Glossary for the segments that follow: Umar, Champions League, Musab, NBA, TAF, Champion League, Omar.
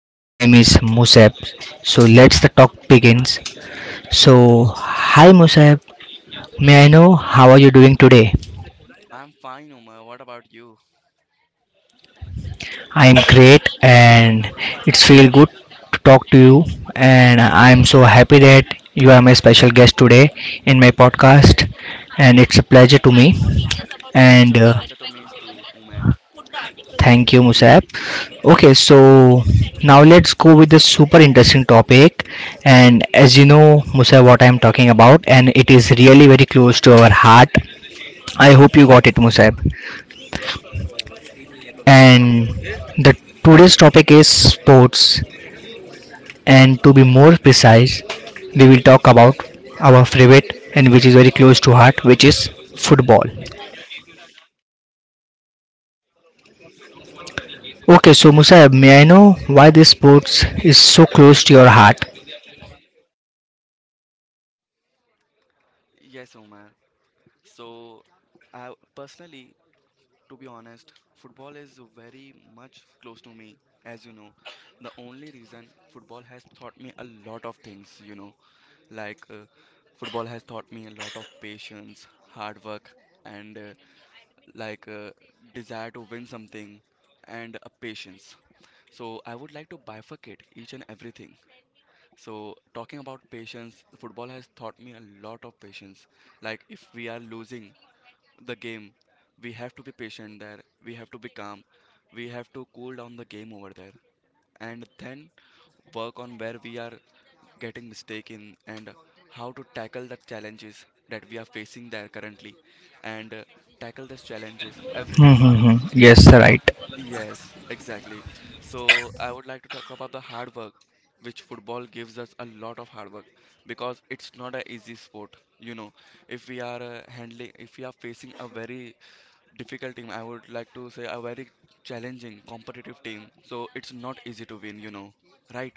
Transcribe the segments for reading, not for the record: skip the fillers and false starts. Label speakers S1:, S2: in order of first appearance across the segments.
S1: and his name is Musab. So let's the talk begins. So hi Musab, may I know how are you doing today?
S2: I'm fine, Umar. What about you?
S1: I am great, and it's feel good to talk to you, and I'm so happy that you are my special guest today in my podcast, and it's a pleasure to me
S2: It's
S1: and
S2: a pleasure to meet you, Umar.
S1: Thank you, Musab. Okay, so now let's go with the super interesting topic. And as you know, Musab, what I'm talking about, and it is really very close to our heart. I hope you got it, Musab. And the today's topic is sports. And to be more precise, we will talk about our favorite and which is very close to heart, which is football. Okay, so Musab, may I know why this sports is so close to your heart?
S2: Yes, Umar. So, I personally, to be honest, football is very much close to me. As you know, the only reason football has taught me a lot of things, like uh, Football has taught me a lot of patience, hard work, and like desire to win something and a patience. So I would like to bifurcate each and everything. So, talking about patience, football has taught me a lot of patience. Like, if we are losing the game, we have to be patient there, we have to be calm, we have to cool down the game over there, and then work on where we are getting mistake in and how to tackle the challenges that we are facing there currently and tackle those challenges everything.
S1: Mm-hmm. Yes, right.
S2: Yes, exactly. So I would like to talk about the hard work, which football gives us a lot of hard work because it's not an easy sport. If we are handling, if we are facing a very difficult team, I would like to say a very challenging, competitive team. So it's not easy to win. You know, right?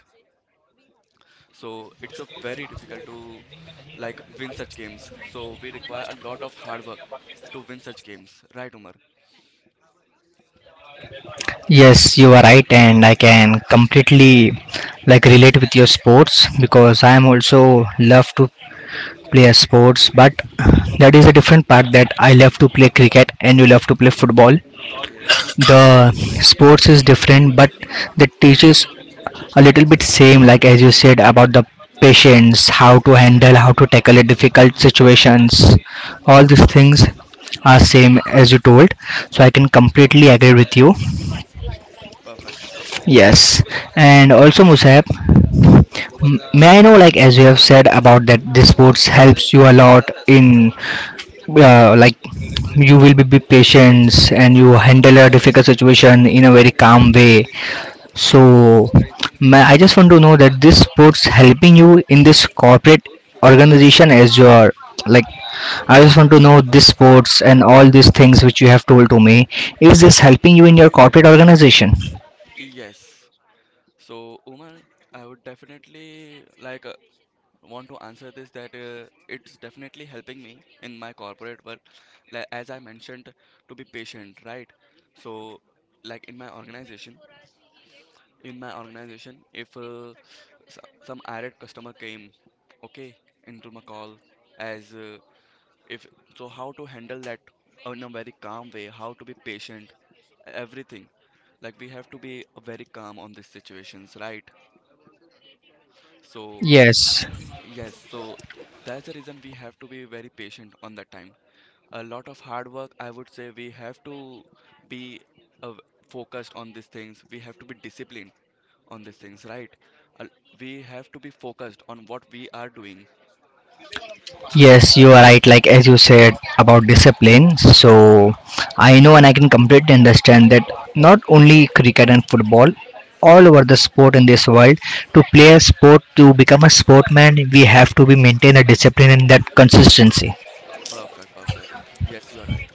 S2: So it's a very difficult to like win such games. So we require a lot of hard work to win such games, right, Umar?
S1: Yes, you are right, and I can completely like relate with your sports because I am also love to play a sports, but that is a different part that I love to play cricket and you love to play football.
S2: Okay.
S1: The sports is different, but the teaches a little bit same, like as you said about the patience, how to handle, how to tackle a difficult situations, all
S2: Perfect,
S1: these
S2: perfect.
S1: things are same as you told, so I can completely agree with you.
S2: Perfect.
S1: Yes, and also Musab, may I know like as you have said about that this sports helps you a lot in like you will be patient and you handle a difficult situation in a very calm way. So ma I just want to know that this sports helping you in this corporate organization as your like I just want to know this sports and all these things which you have told to me.
S2: Rating?
S1: Is this helping you in your corporate organization?
S2: Yes. So, Umar, I would definitely like want to answer this that it's definitely helping me in my corporate work. Like, as I mentioned, to be patient, right? So, like in my organization, if s- some irate customer came, okay, into my call as if, so how to handle that in a very calm way, how to be patient everything. Like, we have to be very calm on these situations, right? So
S1: Yes,
S2: yes, so that's the reason we have to be very patient on that time. A lot of hard work, I would say we have to be uh, focused on these things, we have to be disciplined on these things, right? uh, we have to be focused on what we are doing.
S1: yes, you are right. Like as you said about discipline, so I know and I can completely understand that not only cricket and football, all over the sport in this world, to play a sport, to become a sportman, we have to be maintain a discipline and that consistency.
S2: Perfect, perfect. Yes, you are right.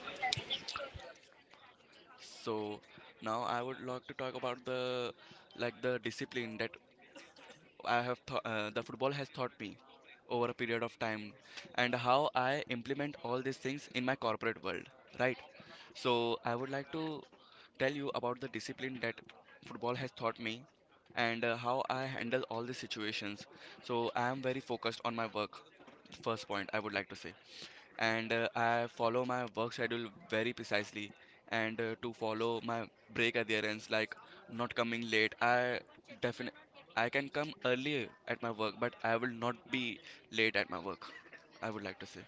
S2: So now I would like to talk about the like the discipline that I have th the football has taught me over a period of time, and how I implement all these things in my corporate world, right? So I would like to tell you about the discipline that football has taught me and how I handle all these situations. So I am very focused on my work, first point I would like to say, and I follow my work schedule very precisely, and to follow my break adherence, like not coming late. I definitely, I can come early at my work, but I will not be late at my work, I would like to say.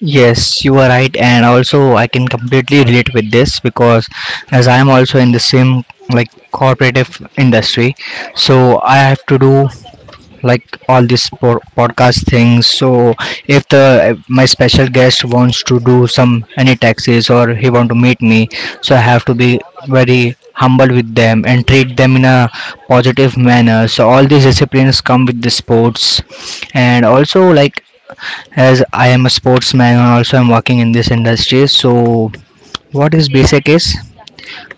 S1: Yes, you are right, and also I can completely relate with this because as I am also in the same like cooperative industry, so I
S2: mm,
S1: have to do like all these podcast things. So if the my special guest wants to do some any taxes or he want to meet me, so I have to be very humble with them and treat them in a positive manner. So all these disciplines come with the sports, and also
S2: mm.
S1: like as I am a sportsman and also I'm working in this industry. So what is basic is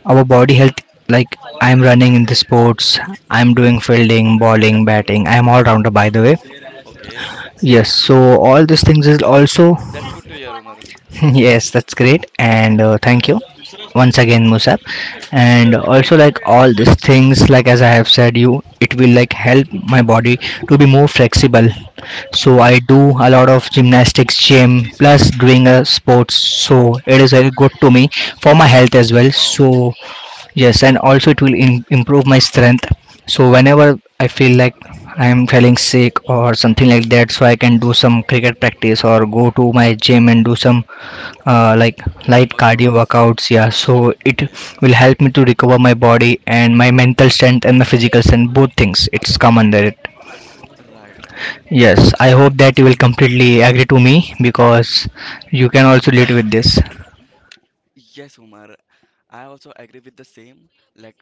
S1: our body health, like I'm running in the sports, I'm doing fielding, bowling, batting. I'm all rounder by the way.
S2: Okay.
S1: Yes, so all these
S2: that's
S1: things is
S2: that's
S1: also
S2: that's good to hear, Umar.
S1: Yes, that's great, and thank you once again, Musab. And also, like all these things, like as I have said, you it will like help my body to be more flexible. So
S2: Right.
S1: I do a lot of gymnastics, gym, plus doing a sports. So it is
S2: Okay.
S1: very good to me for my health as well.
S2: Wow.
S1: So yes, and also it will improve my strength. So whenever I feel like I am feeling sick or something like that, so I can do some cricket practice or go to my gym and do some like light cardio
S2: Workouts, you know.
S1: workouts. Yeah, so it will
S2: Yes.
S1: help me to recover my body and my mental strength and the physical strength, both things. It's come under it.
S2: Right, right, right.
S1: Yes, I hope that you will completely agree to me because you can also relate with this.
S2: Yes, Omar. I also agree with the same. Like,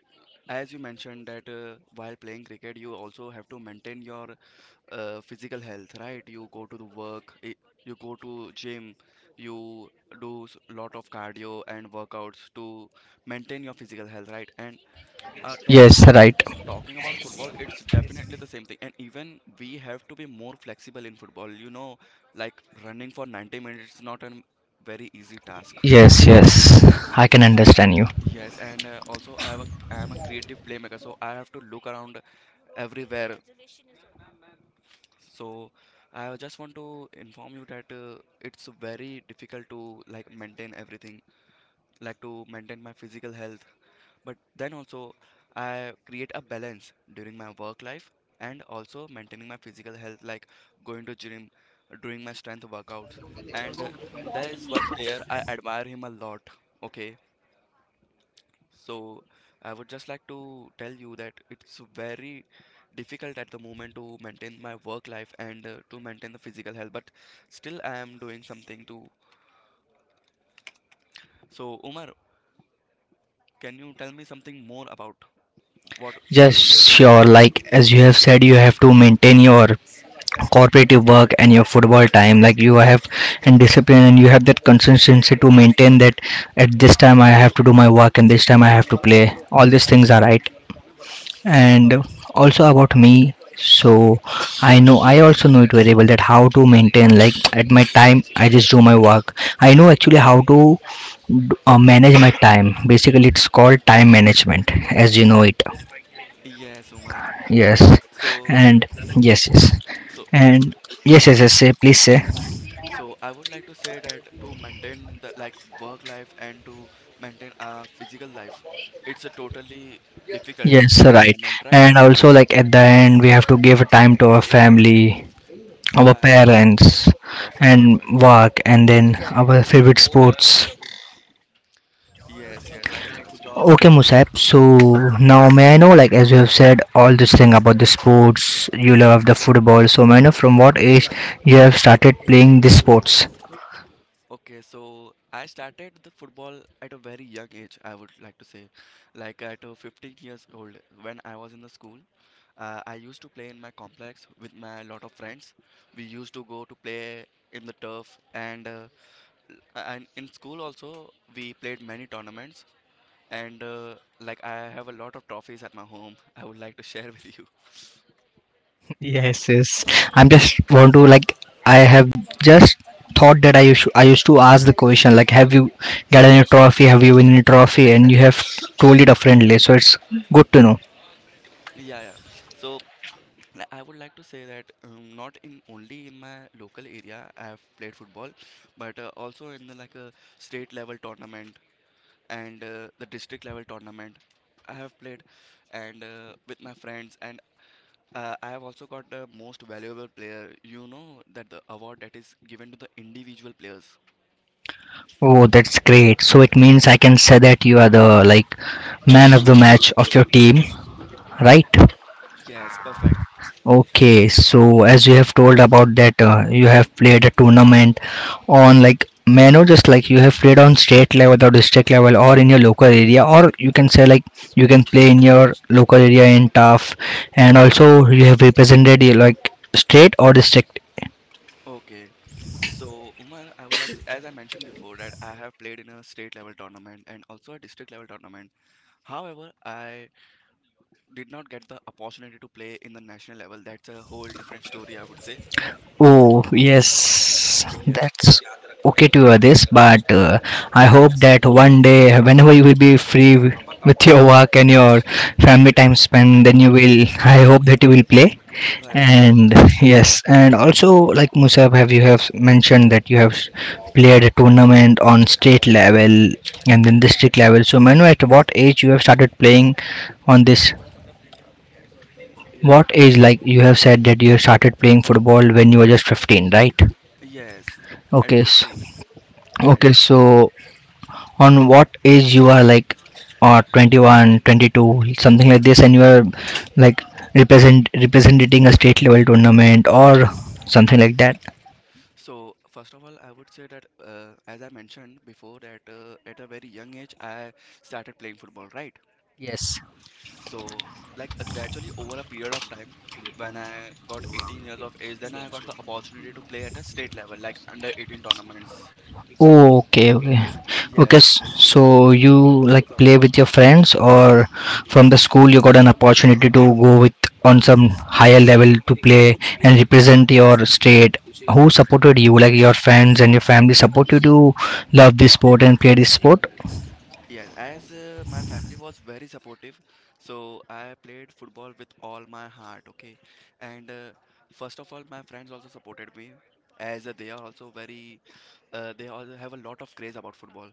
S2: as you mentioned that while playing cricket, you also have to maintain your physical health, right? You go to the work, you go to gym, you do lot of cardio and workouts to maintain your physical health, right? And uh, talking
S1: Yes,
S2: about
S1: right.
S2: talking about football, it's definitely the same thing. And even we have to be more flexible in football. You know, like running for 90 minutes is not a very easy task.
S1: Yes, yes, I can understand you.
S2: Yes, and also I have a, I am a creative playmaker, so I have to look around everywhere. So I just want to inform you that it's very difficult to like maintain everything, like to maintain my physical health. But then also I create a balance during my work life and also maintaining my physical health, like going to gym, doing my strength workouts. And there is one player I admire him a lot. Okay. So I would just like to tell you that it's very difficult at the moment to maintain my work life and to maintain the physical health, but still I am doing something too. So Umar, can you tell me something more about what cricket?
S1: Just sure, like as you have said, you have to maintain your cooperative work and your football time like you have and discipline and you have that consistency to maintain that at this time I have to do my work and this time I have to play all these things are right and also about me. So I know I also know it very well that how to maintain like at my time I just do my work. I know actually how to manage my time, basically it's called time management as you know it.
S2: Yes, Umar.
S1: Yes,
S2: So,
S1: and yes, yes,
S2: so
S1: and yes,
S2: yeah,
S1: yes,
S2: tell
S1: yes.
S2: me.
S1: Say, please say.
S2: So I would like to say that to maintain the like work life and to maintain a physical life, it's a totally difficult
S1: Yes,
S2: at the
S1: right.
S2: moment, right?
S1: And also, like at the end, we have to give time to our family, our
S2: Right.
S1: parents,
S2: Perfect.
S1: and
S2: Perfect.
S1: work, and then our favorite sports.
S2: Yes. Yes. I can understand.
S1: Okay, Musab. So now, may I know, like as you have said, all this thing about the sports. You love the football. So, may I know from what age you have started playing this sports?
S2: Okay, so I started the football at a very young age, I would like to say. Like at 15 years old, when I was in the school, I used to play in my complex with my lot of friends. We used to go to play in the turf, and l- and in school also we played many tournaments. And like I have a lot of trophies at my home. I would like to share with you.
S1: Yes, yes. I'm just want to like I have just thought that I used to ask the question like have you got any trophy? Have you win any trophy? And you have told it differently, so it's good to know.
S2: Yeah, yeah. So I would like to say that not in only in my local area I have played football, but also in the, like a state level tournament and the district level tournament I have played, and with my friends and I have also got the most valuable player. You know that the award that is given to the individual players.
S1: Oh, that's great. So it means I can say that you are the like man of the match of your team, right?
S2: Yes, perfect.
S1: Okay, so as you have told about that, you have played a tournament on like Mano, just like you have played on state level or district level or in your local area, or you can say like you can play in your local area in TAF, and also you have represented your like state or district.
S2: Okay. So, Umar, I would like, as I mentioned before, that I have played in a state level tournament and also a district level tournament. However, I did not get the opportunity to play in the national level, that's a whole different story, I would say.
S1: Oh, yes,
S2: Yes,
S1: that's okay to hear this, but I hope that one day, whenever you will be free with your work and your family time spent, then you will, I hope that you will play.
S2: right, right,
S1: And
S2: right.
S1: yes, and also like Musab, have you have mentioned that you have played a tournament on state level and then district level, so manu at what age you have started playing on this, what age, like you have said that you have started playing football when you were just 15, right?
S2: Yes, at
S1: Okay, so,
S2: 15. Right,
S1: okay,
S2: right, right.
S1: so on what age you are like, or 21 22 something like this, and you are like representing a state level tournament or something like that.
S2: So, first of all, I would say that, as I mentioned before, that at a very young age, I started playing football, right?
S1: Yes.
S2: So, like gradually over a period of time, when I got 18 years of age, then I got the opportunity to play at a state level, like under 18 tournaments.
S1: Oh, okay, okay, okay.
S2: Yes.
S1: So you like play with your friends, or from the school you got an opportunity to go with on some higher level to play and represent your state. Who supported you? Like your friends and your family supported you to love this sport and play this sport.
S2: Yes, as my family was very supportive, so I played football with all my heart, okay? And first of all, my friends also supported me, as they are also very, they also have a lot of craze about football.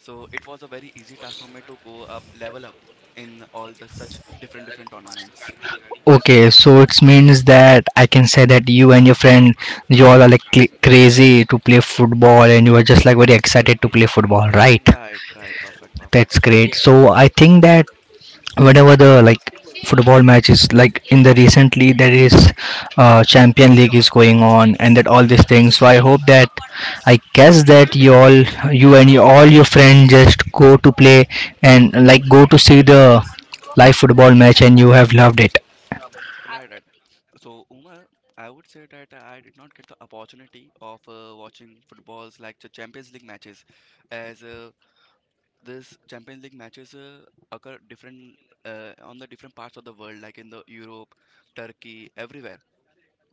S2: So it was a very easy task for me to go up, level up in all the such different different tournaments.
S1: Okay, so it means that I can say that you and your friend, you all are like crazy to play football and you are just like very excited to play football, right?
S2: Right, right, perfect,
S1: That's
S2: perfect.
S1: great. So I think that whenever the like football matches like in the recently there is champion league is going on and that all these things, so I hope that I guess that you all, you and your, all your friends just go to play and like go to see the live football match and you have loved it.
S2: Right, right. So, Umar, I would say that I did not get the opportunity of watching footballs like the Champions League matches, as this Champions League matches occur different on the different parts of the world, like in the Europe, Turkey, everywhere.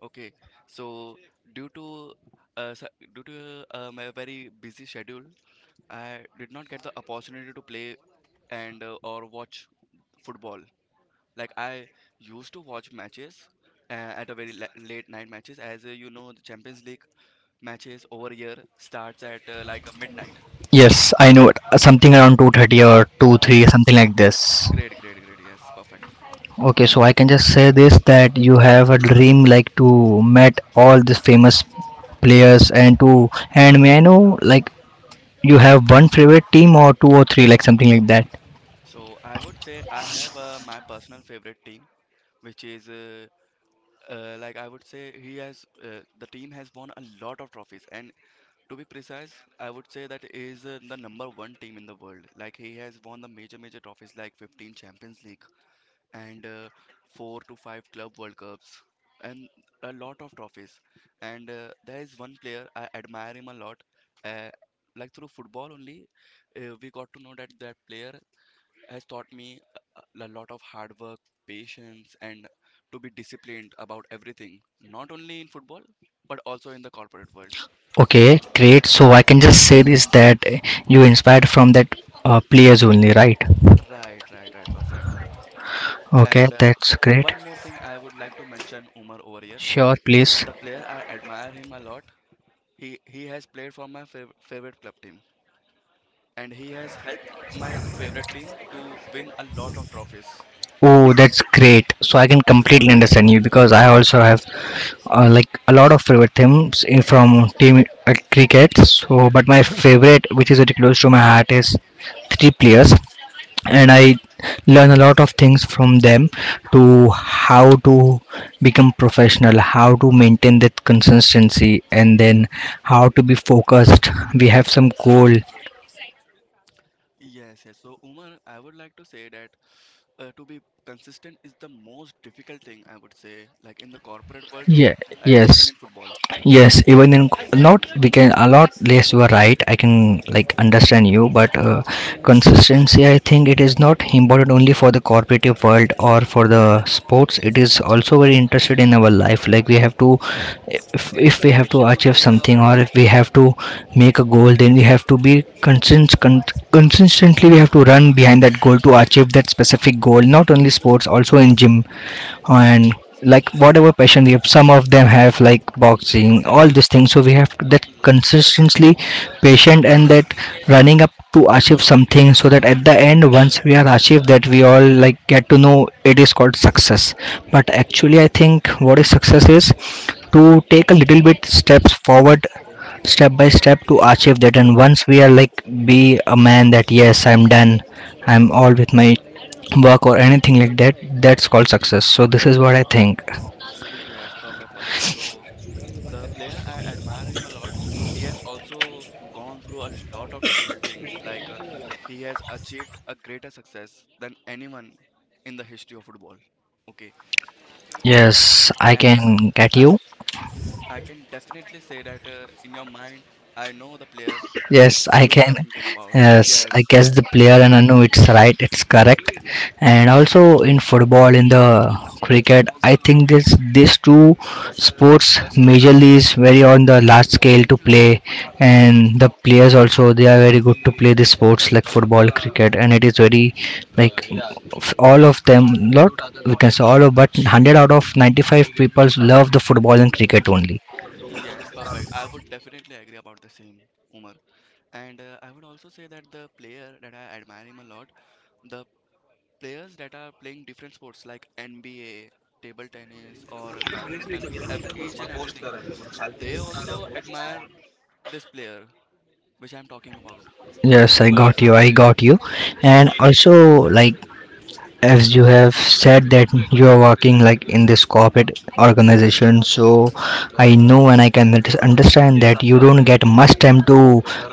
S2: Okay, so due to uh, s- my very busy schedule, I did not get the opportunity to play and or watch football like I used to watch matches at a very late night matches as you know the Champions League matches over here starts at like a midnight.
S1: Yes, I know it. Something around 2:30 or two three
S2: Yes,
S1: something like this.
S2: great, great, great. Yes, perfect.
S1: Okay, so I can just say this that you have a dream like to meet all these famous players and to, and may I know like you have one favorite team or two or three, like something like that.
S2: So I would say I have my personal favorite team, which is like I would say he has the team has won a lot of trophies, and to be precise, I would say that is the number one team in the world. Like he has won the major major trophies like 15 Champions League, and four to five club World Cups and a lot of trophies. And there is one player I admire him a lot. Uh, like through football only, we got to know that that player has taught me a lot of hard work, patience, and to be disciplined about everything. Not only in football, but also in the corporate world.
S1: Okay, great. So I can just say this that you inspired from that players only, right?
S2: Right, right, right, perfect.
S1: Okay,
S2: And
S1: that's great.
S2: one more thing I would like to mention Umar over here.
S1: Sure, please.
S2: The player I admire him a lot, he has played for my favorite club team, and he has helped my favorite team to win a lot of trophies.
S1: Oh, that's great. So I can completely understand you because I also have like a lot of favorite teams from team cricket. So, but my favorite, which is really close to my heart, is three players. And I learn a lot of things from them to how to become professional, how to maintain that consistency, and then how to be focused. We have some goal.
S2: Yes, yes. So, Umar, I would like to say that to be consistent is the most difficult thing I would say, like in the corporate world too,
S1: Yeah.
S2: and
S1: Yes.
S2: even in football.
S1: yes even in not we can a lot less you are right. I can like understand you, but consistency, I think, it is not important only for the corporate world or for the sports. It is also very interested in our life. Like we have to if we have to achieve something, or if we have to make a goal, then we have to be consistently, we have to run behind that goal to achieve that specific goal. Not only sports, also in gym and
S2: Y-
S1: like whatever passion we have, some of them have like boxing, all these things. So we have to that
S2: Right.
S1: consistently patient and that running up to achieve something, so that at the end once we are achieved that, we all like get to know it is called success. But actually I think what is success is to take a little bit steps forward, step by step, to achieve that. And
S2: Hmm.
S1: once we are like be a man that yes, I'm done, I'm all with my work or anything like that, that's called success. So this is what I think.
S2: Yes, perfect, perfect. So, the player I admire him a lot. He has also gone through a lot of difficult things. Like he has achieved a greater success than anyone in the history of football. Okay,
S1: Yes, I
S2: and
S1: can get
S2: I
S1: you.
S2: I can definitely say that in your mind, I know the player
S1: Yes, I
S2: who you are
S1: can.
S2: thinking about.
S1: Yes, I
S2: Yes,
S1: guess the player, and I know it's right, it's correct. And also in football, in the cricket, I think this these two sports majorly is very on the large scale to play, and the players also, they are very good to play the sports like football, cricket. And it is very like all of them, lot, we can say all of, but 100 out of 95 people love the football and cricket only.
S2: yes, perfect. I would definitely agree about the same, Umar. And I would also say that the player that I admire him a lot, the players that are playing different sports like NBA, table tennis, or badminton, each and everything, they also admire this player, which I'm talking about.
S1: Yes, I got you. I got you. And
S2: Yes.
S1: also, like as you have said that you are working like in this corporate organization, so I know and I can understand that you don't get much time to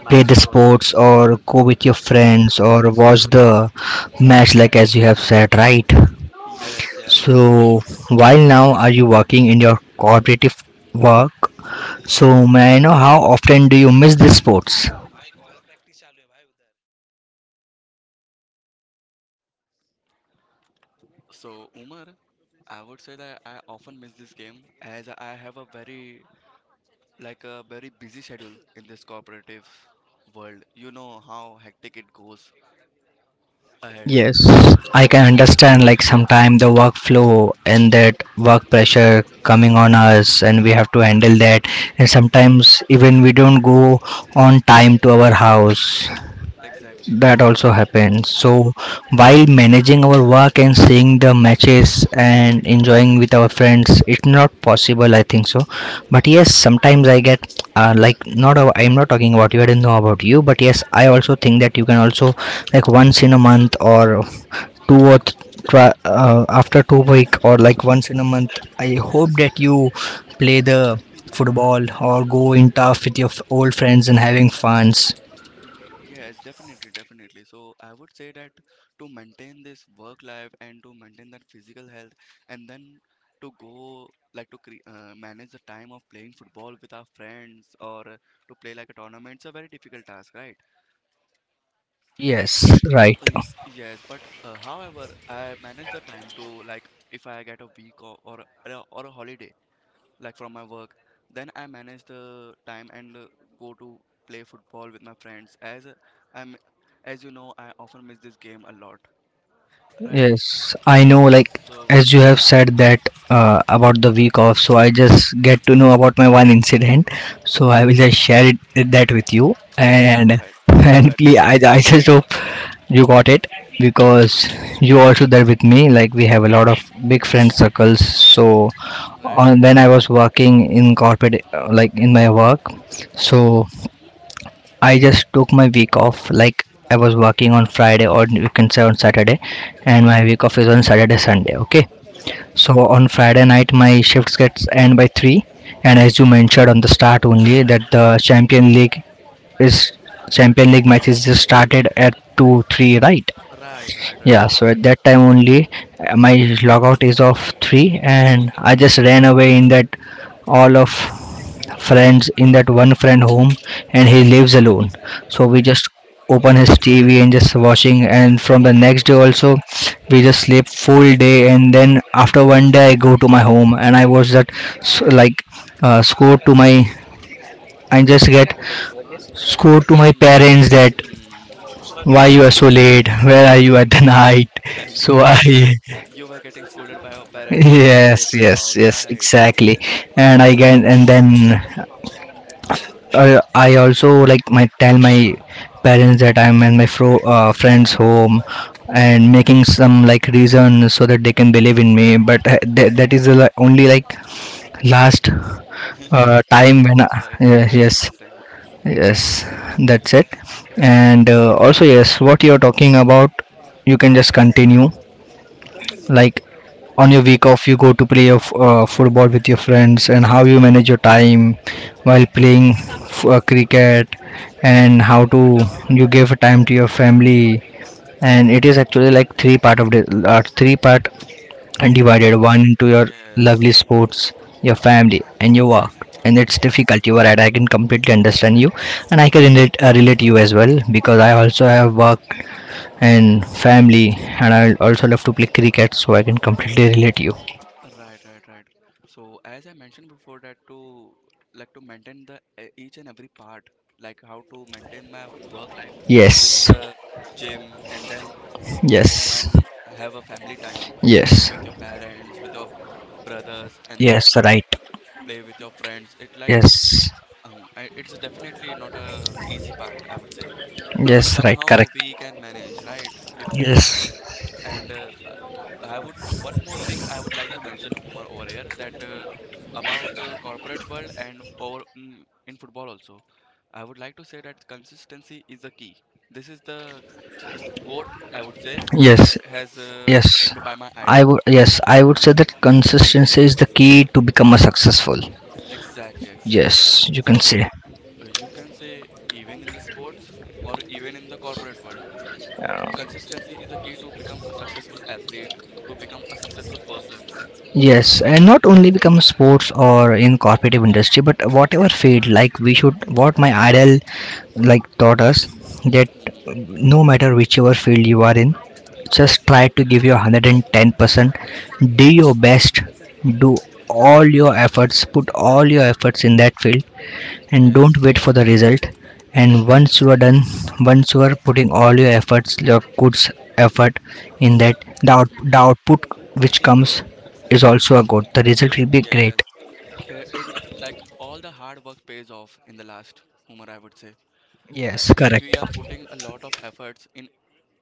S1: play the sports or go with your friends
S2: Oh,
S1: or watch the match, like as you have said, right?
S2: yes,
S1: So
S2: exactly.
S1: while now are you working in your cooperative work, so may I know how often do you miss the sports?
S2: So, Umar, I would say that I often miss this game as I have a like a very busy schedule in this cooperative world. You know how hectic it goes ahead.
S1: Yes, I can understand. Like sometime the workflow and that work pressure coming on us, and we have to handle that. And
S2: Exactly,
S1: sometimes even we don't go on time to our house,
S2: exactly.
S1: that also happens.
S2: So
S1: So while managing our work and seeing the matches and enjoying with our friends, it's not possible, I think so. But yes, sometimes I get like not a- I'm not talking about you, I don't know about you, but yes, I also think that you can also like once in a month or two or th- try, after 2 week or like once in a month, I hope that you play the football or go in turf with your old friends and having funs.
S2: Y- Yes, definitely. So I would say that to maintain this work life and to maintain that physical health, and then to go like to cre manage the time of playing football with our friends or to play like a tournament, it's a very difficult task, right?
S1: Yes, right.
S2: Uh, y- Yes, but however, I manage the time to like if I get a week or a holiday, like from my work. Then I manage the time and go to play football with my friends. As I'm, as you know, I often miss this game a lot, right?
S1: Yes, I know. Like
S2: So
S1: as you have said that about the week off, so I just get to know about my one incident. So I will just share it that with you,
S2: yeah, go ahead, go
S1: and
S2: ahead, go
S1: please, I
S2: ahead.
S1: I just hope you got it, because you also there with me. Like we have a lot of big friend circles. So
S2: Right,
S1: on
S2: right.
S1: when I was working in corporate, like in my work, so I just took my week off. Like I was working on Friday, or you can say on Saturday, and
S2: Hmm.
S1: my week off is on Saturday Sunday. Okay.
S2: Yeah,
S1: So on Friday night my shifts gets end by three, and as you mentioned on the start only that the Champion League is Champion League match is just started at two three, right.
S2: right.
S1: Yeah. So at
S2: Perfect.
S1: that time only my logout is of three, and I just ran away in that all of friends in that one friend home, and he lives alone. So we
S2: Okay,
S1: just open his tv and just watching, and from the next day also we just sleep full day, and then after one day I go to my home, and I watch that s- like score to my, I just get score
S2: you're
S1: to my
S2: getting.
S1: parents that
S2: Mm,
S1: why you are so late, where are you at the night.
S2: you
S1: So
S2: mean to say
S1: I
S2: you were getting scolded by your parents for coming late
S1: yes,
S2: to your
S1: yes,
S2: house,
S1: yes,
S2: right?
S1: exactly. And I can and then I also like my tell my parents that I'm in my friend's home, and making some like reason so that they can believe in me. But that that is the only like last time
S2: Last,
S1: when I,
S2: oh, yes,
S1: yes,
S2: I can
S1: yes,
S2: understand.
S1: yes, that's it. And also yes, what you're talking about, you can just continue
S2: So,
S1: like on your week off
S2: hmm,
S1: you go to play of football with your friends, and how you manage your time while playing cricket, and how to you give time to your family. And it is actually like three part of the three part, and divided
S2: of
S1: one
S2: life.
S1: into your lovely
S2: Yes.
S1: sports, your family and your work. And it's
S2: Yes,
S1: difficult,
S2: yes,
S1: you are right, I
S2: yes.
S1: can completely understand you. And I can relate you as well, because I also have work and family, and I'll also love to play cricket, so I can completely relate you.
S2: Right. So as I mentioned before that to like to maintain the each and every part, like how to maintain my work life with
S1: Yes.
S2: the gym and then go home
S1: Yes.
S2: and have a family time
S1: Yes.
S2: with your parents, with your brothers, and then
S1: Yes, right.
S2: play with your friends. It like
S1: Yes.
S2: it's definitely not a easy part, I would say. But
S1: Yes, right,
S2: somehow we
S1: correct.
S2: can manage, right? If
S1: Yes.
S2: And I would one more thing I would like to mention Umar over here that about corporate world and over in football also. I would like to say that consistency is the key. This is the quote I would say that
S1: Yes.
S2: has
S1: Yes.
S2: framed by my
S1: I
S2: idol.
S1: would yes, I would say that consistency is the key to become a successful.
S2: Exactly.
S1: Yes, you can
S2: So
S1: say.
S2: oh, uh, you can say even in the sports or even in the corporate world, consistency is the key to become a successful athlete, to become a successful person.
S1: Yes, and not only become sports or in corporate industry, but whatever field, like we should, what my idol like taught us that
S2: Hmm.
S1: no matter whichever field you are in, just
S2: Yes,
S1: try to give your 110%, do your best, do all your efforts, put all your efforts in that field, and
S2: yes.
S1: don't wait for the result. And once you are done, once you are putting all your efforts, your good effort in that, the
S2: Mm-hmm.
S1: output which comes is also a good, the result will be great.
S2: Yes, it like all the hard work pays off in the last, Umar, I would say. Like
S1: Yes,
S2: if
S1: correct.
S2: we are putting a lot of efforts in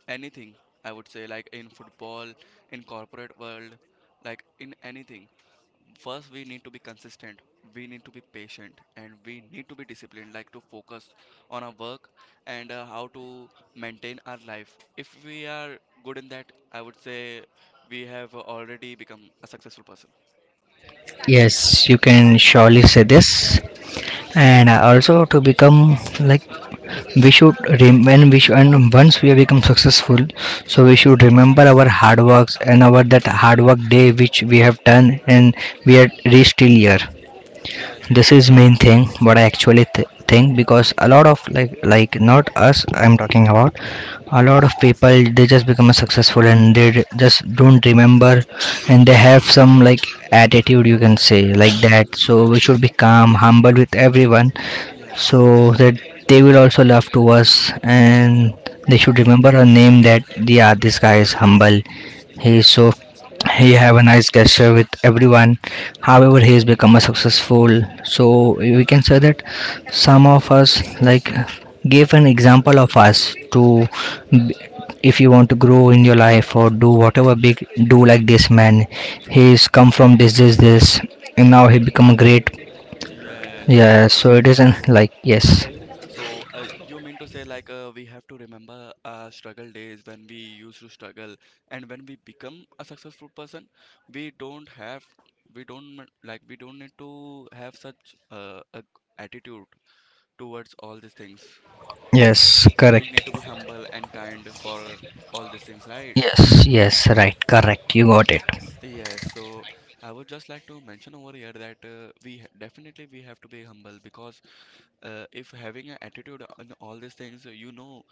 S2: anything, I would say like in football, in corporate world, like in anything. First, we need to be consistent. We need to be patient, and we need to be disciplined. Like to focus on our work and how to maintain our life. If we are good in that, I would say we have already become a successful person.
S1: Yes, you can surely say this. And also to become like, we should when we should and once we have become successful, so we should remember our hard works and our that hard work day which we have done, and we are reached till here.
S2: Yes,
S1: This
S2: yes,
S1: is
S2: yes.
S1: main thing what I actually think, because a lot of like not us, I'm talking about a lot of people, they just become successful and they just don't remember, and they have some like attitude, you can say like that. So we should be calm humble with everyone
S2: Yes,
S1: so that they will also love to us, and they should remember
S2: exactly.
S1: a name that yeah, this guy is humble, he is so, he have
S2: Yes,
S1: a
S2: yes,
S1: nice
S2: yes.
S1: gesture with everyone, however he has become a successful. So we can say that some of us like give an example of us to b- if you want to grow in your life or do whatever big do like this man. He he's
S2: Hmm.
S1: come from this, and now he become a great.
S2: Yes, I can
S1: Yeah, so
S2: understand.
S1: it isn't like yes.
S2: So, you mean to say like we have to remember our struggle days when we used to struggle, and when we become a successful person, we don't have, we don't need to have such attitude towards all these things.
S1: Yes,
S2: We
S1: correct.
S2: need to be humble and kind for all these things, right?
S1: Yes, yes, right, correct. You got it.
S2: Yes, so I would just like to mention over here that definitely we have to be humble because if having an attitude on all these things you know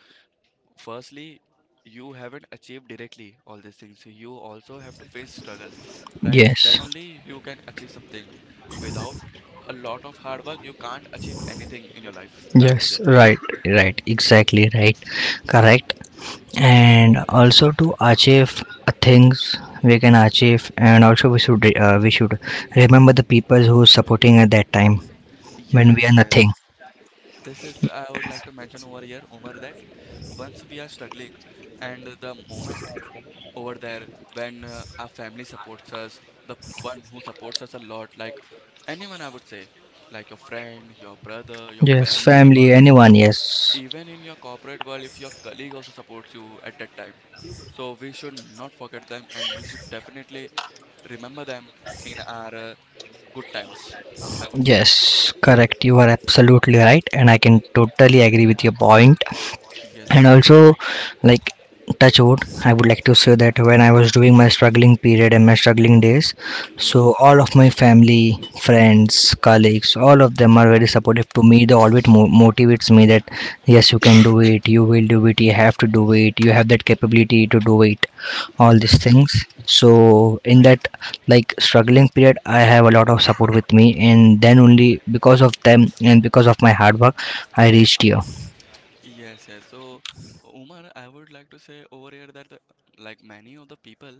S2: firstly you haven't achieved directly all these things you also have to face struggle right then
S1: Yes,
S2: only you can achieve something without a lot of hard work you can't achieve anything in your life I would say.
S1: yes, right, right, exactly right, correct. And also to achieve things we can achieve, and also we should remember the people who supporting at that time when we
S2: Yes,
S1: are nothing.
S2: yes. This is, I would like to mention over here, Umar, that once we are struggling and the moment over there when our family supports us the one who supports us a lot like anyone I would say like your friend your brother your
S1: Yes,
S2: family
S1: family,
S2: or
S1: anyone. Yes,
S2: even in your corporate world if your colleague also supports you at that time so we should not forget them and we should definitely remember them in our good times I would say.
S1: yes, correct. You are absolutely right, and I can totally agree with your point. And
S2: Yes.
S1: also like touch wood, I would like to say that when I was doing my struggling period and my struggling days, so
S2: Hmm.
S1: all of my family, friends, colleagues, all of them are very supportive to me, they always motivates me that yes you can do it, you will do it, you have to do it, you have that capability to do it, all these
S2: Okay.
S1: things. So in that like struggling period, I have a lot of support with me, and then only because of them and because of my hard work, I reached here.
S2: Yes, yes. So, Umar, I would like to say over here that, like many of the people,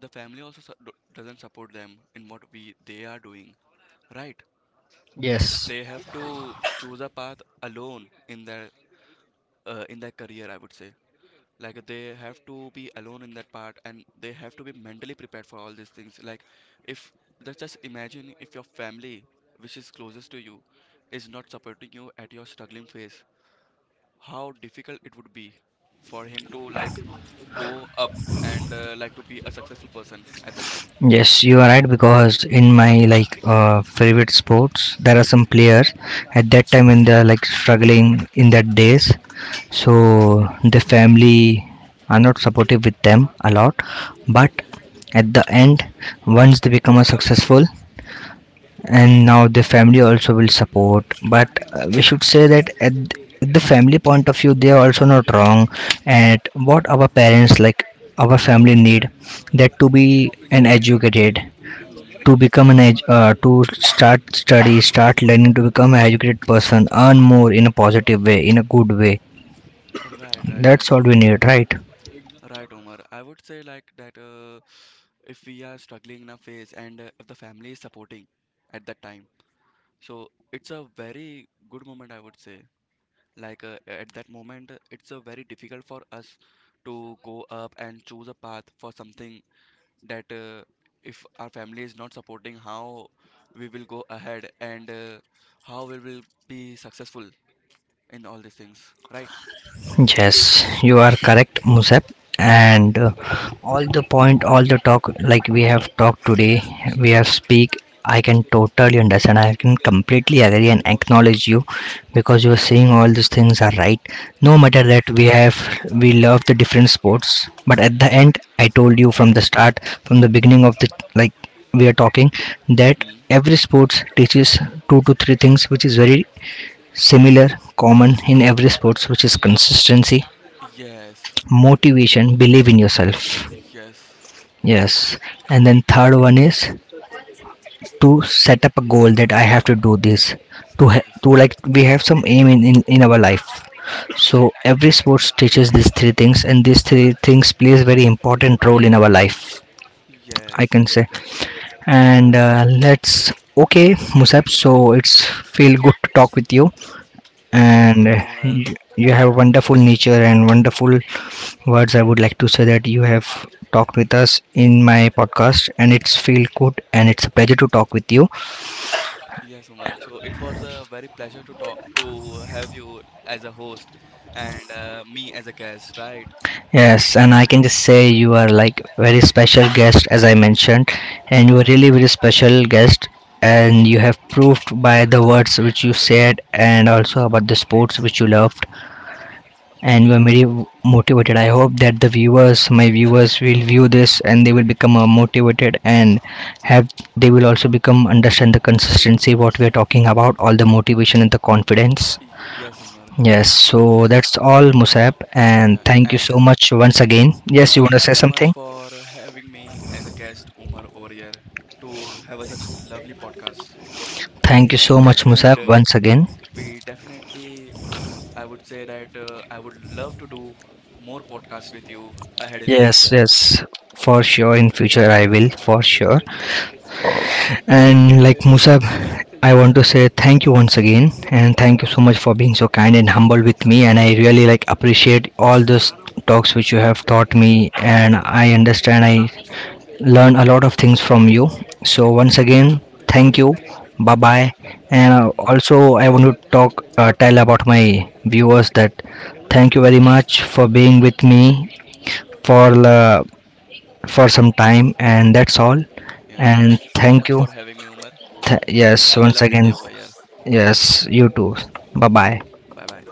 S2: the family also doesn't support them in what we they are doing, right? Like
S1: Yes.
S2: they have to choose a path alone in their career, I would say. Like they have to be alone in that part, and they have to be mentally prepared for all these things. Like if let's just imagine if your family, which is closest to you, is not supporting you at your struggling phase how difficult it would be for him to like go up and like to be a successful person at that time.
S1: Yes, you are right, because in my like favorite sports, there are some players at that time when they're like struggling in that days, so the family are not supportive with them a lot. But
S2: Okay.
S1: at the end, once they become a successful, and now the family also will support. But we should say that at the family point of view, they are also not wrong. And what our parents like, our family need that to be an educated to
S2: Mm,
S1: become an edge to start study, start learning, to become an educated person, earn more in a positive way, in a good way.
S2: right,
S1: That's all
S2: Omar.
S1: we need, right?
S2: Right, Omar. I would say like that if we are struggling in a phase and if the family is supporting at that time, so it's a very good moment, I would say. Like at that moment, it's a very difficult for us to go up and choose a path for something that if our family is not supporting, how we will go ahead and how we will be successful in all these things, right?
S1: Yes, you are correct, Musab. And all the point, all the talk, like we have talked today, we have speak. I can totally understand, I can completely agree and acknowledge you, because you are saying all these things are right. No matter
S2: Yes.
S1: that we have, we love the different sports, but at the
S2: Hmm.
S1: end, I told you from the start, from the beginning of the like we are talking, that
S2: Hmm.
S1: every sports teaches two to three things, which is very similar common in every sports, which is consistency,
S2: Yes.
S1: motivation, believe in
S2: Y-
S1: yourself.
S2: Yes.
S1: Yes, and then third one is to set up a goal, that I have to do this, to
S2: Yes.
S1: to like we have some aim in our life. So every sports teaches these three things, and these three things plays very important role in our life, I
S2: Yes.
S1: can say. And let's okay Musab, so it's feel good to talk with you. And
S2: Okay,
S1: uh,
S2: Omar.
S1: you, you have wonderful nature and wonderful words. I would like to say that you have talked with us in my podcast, and it's feel good, and it's a pleasure to talk with you.
S2: Yes, Omar. So it was a very pleasure to talk to have you as a host and me as a guest, right?
S1: Yes, and I can just say you are like very special guest, as I mentioned, and you are
S2: Yes,
S1: really
S2: Omar.
S1: very special guest. And you have proved by the words which you said, and also about the sports which you love, and you are very motivated. I hope that the viewers, my viewers, will view this and they will become motivated and have they will also become understand the consistency what we are talking about, all the motivation and the confidence.
S2: Y- Yes, Omar.
S1: Yes, so
S2: Yes.
S1: that's all, Musab, and
S2: Yeah.
S1: thank you
S2: And
S1: so much once again. Yes, you
S2: thank you
S1: want to say
S2: so much
S1: something?
S2: for having me as a guest, Umar, over here to have a, such a lovely podcast.
S1: Thank you so much, Musab,
S2: And
S1: once again.
S2: we definitely, I would say that I would love to do more podcasts with you ahead in the
S1: Yes,
S2: future.
S1: yes, for sure. In future, I will for sure. And like Musab, I want to say thank you once again, and thank you so much for being so kind and humble with me, and I really like appreciate all those talks which you have taught me, and I understand, I learn a lot of things from you. So once again, thank you. Bye bye. And
S2: And
S1: also I want to talk tell about my viewers that thank you very much for being with me for uh, for some time, and that's all,
S2: yeah,
S1: and
S2: thank you so
S1: thank
S2: much
S1: you.
S2: for having me, Umar.
S1: Yes,
S2: Have a
S1: once
S2: lovely
S1: again.
S2: day over here.
S1: Yes, you too. Bye bye.
S2: Bye bye.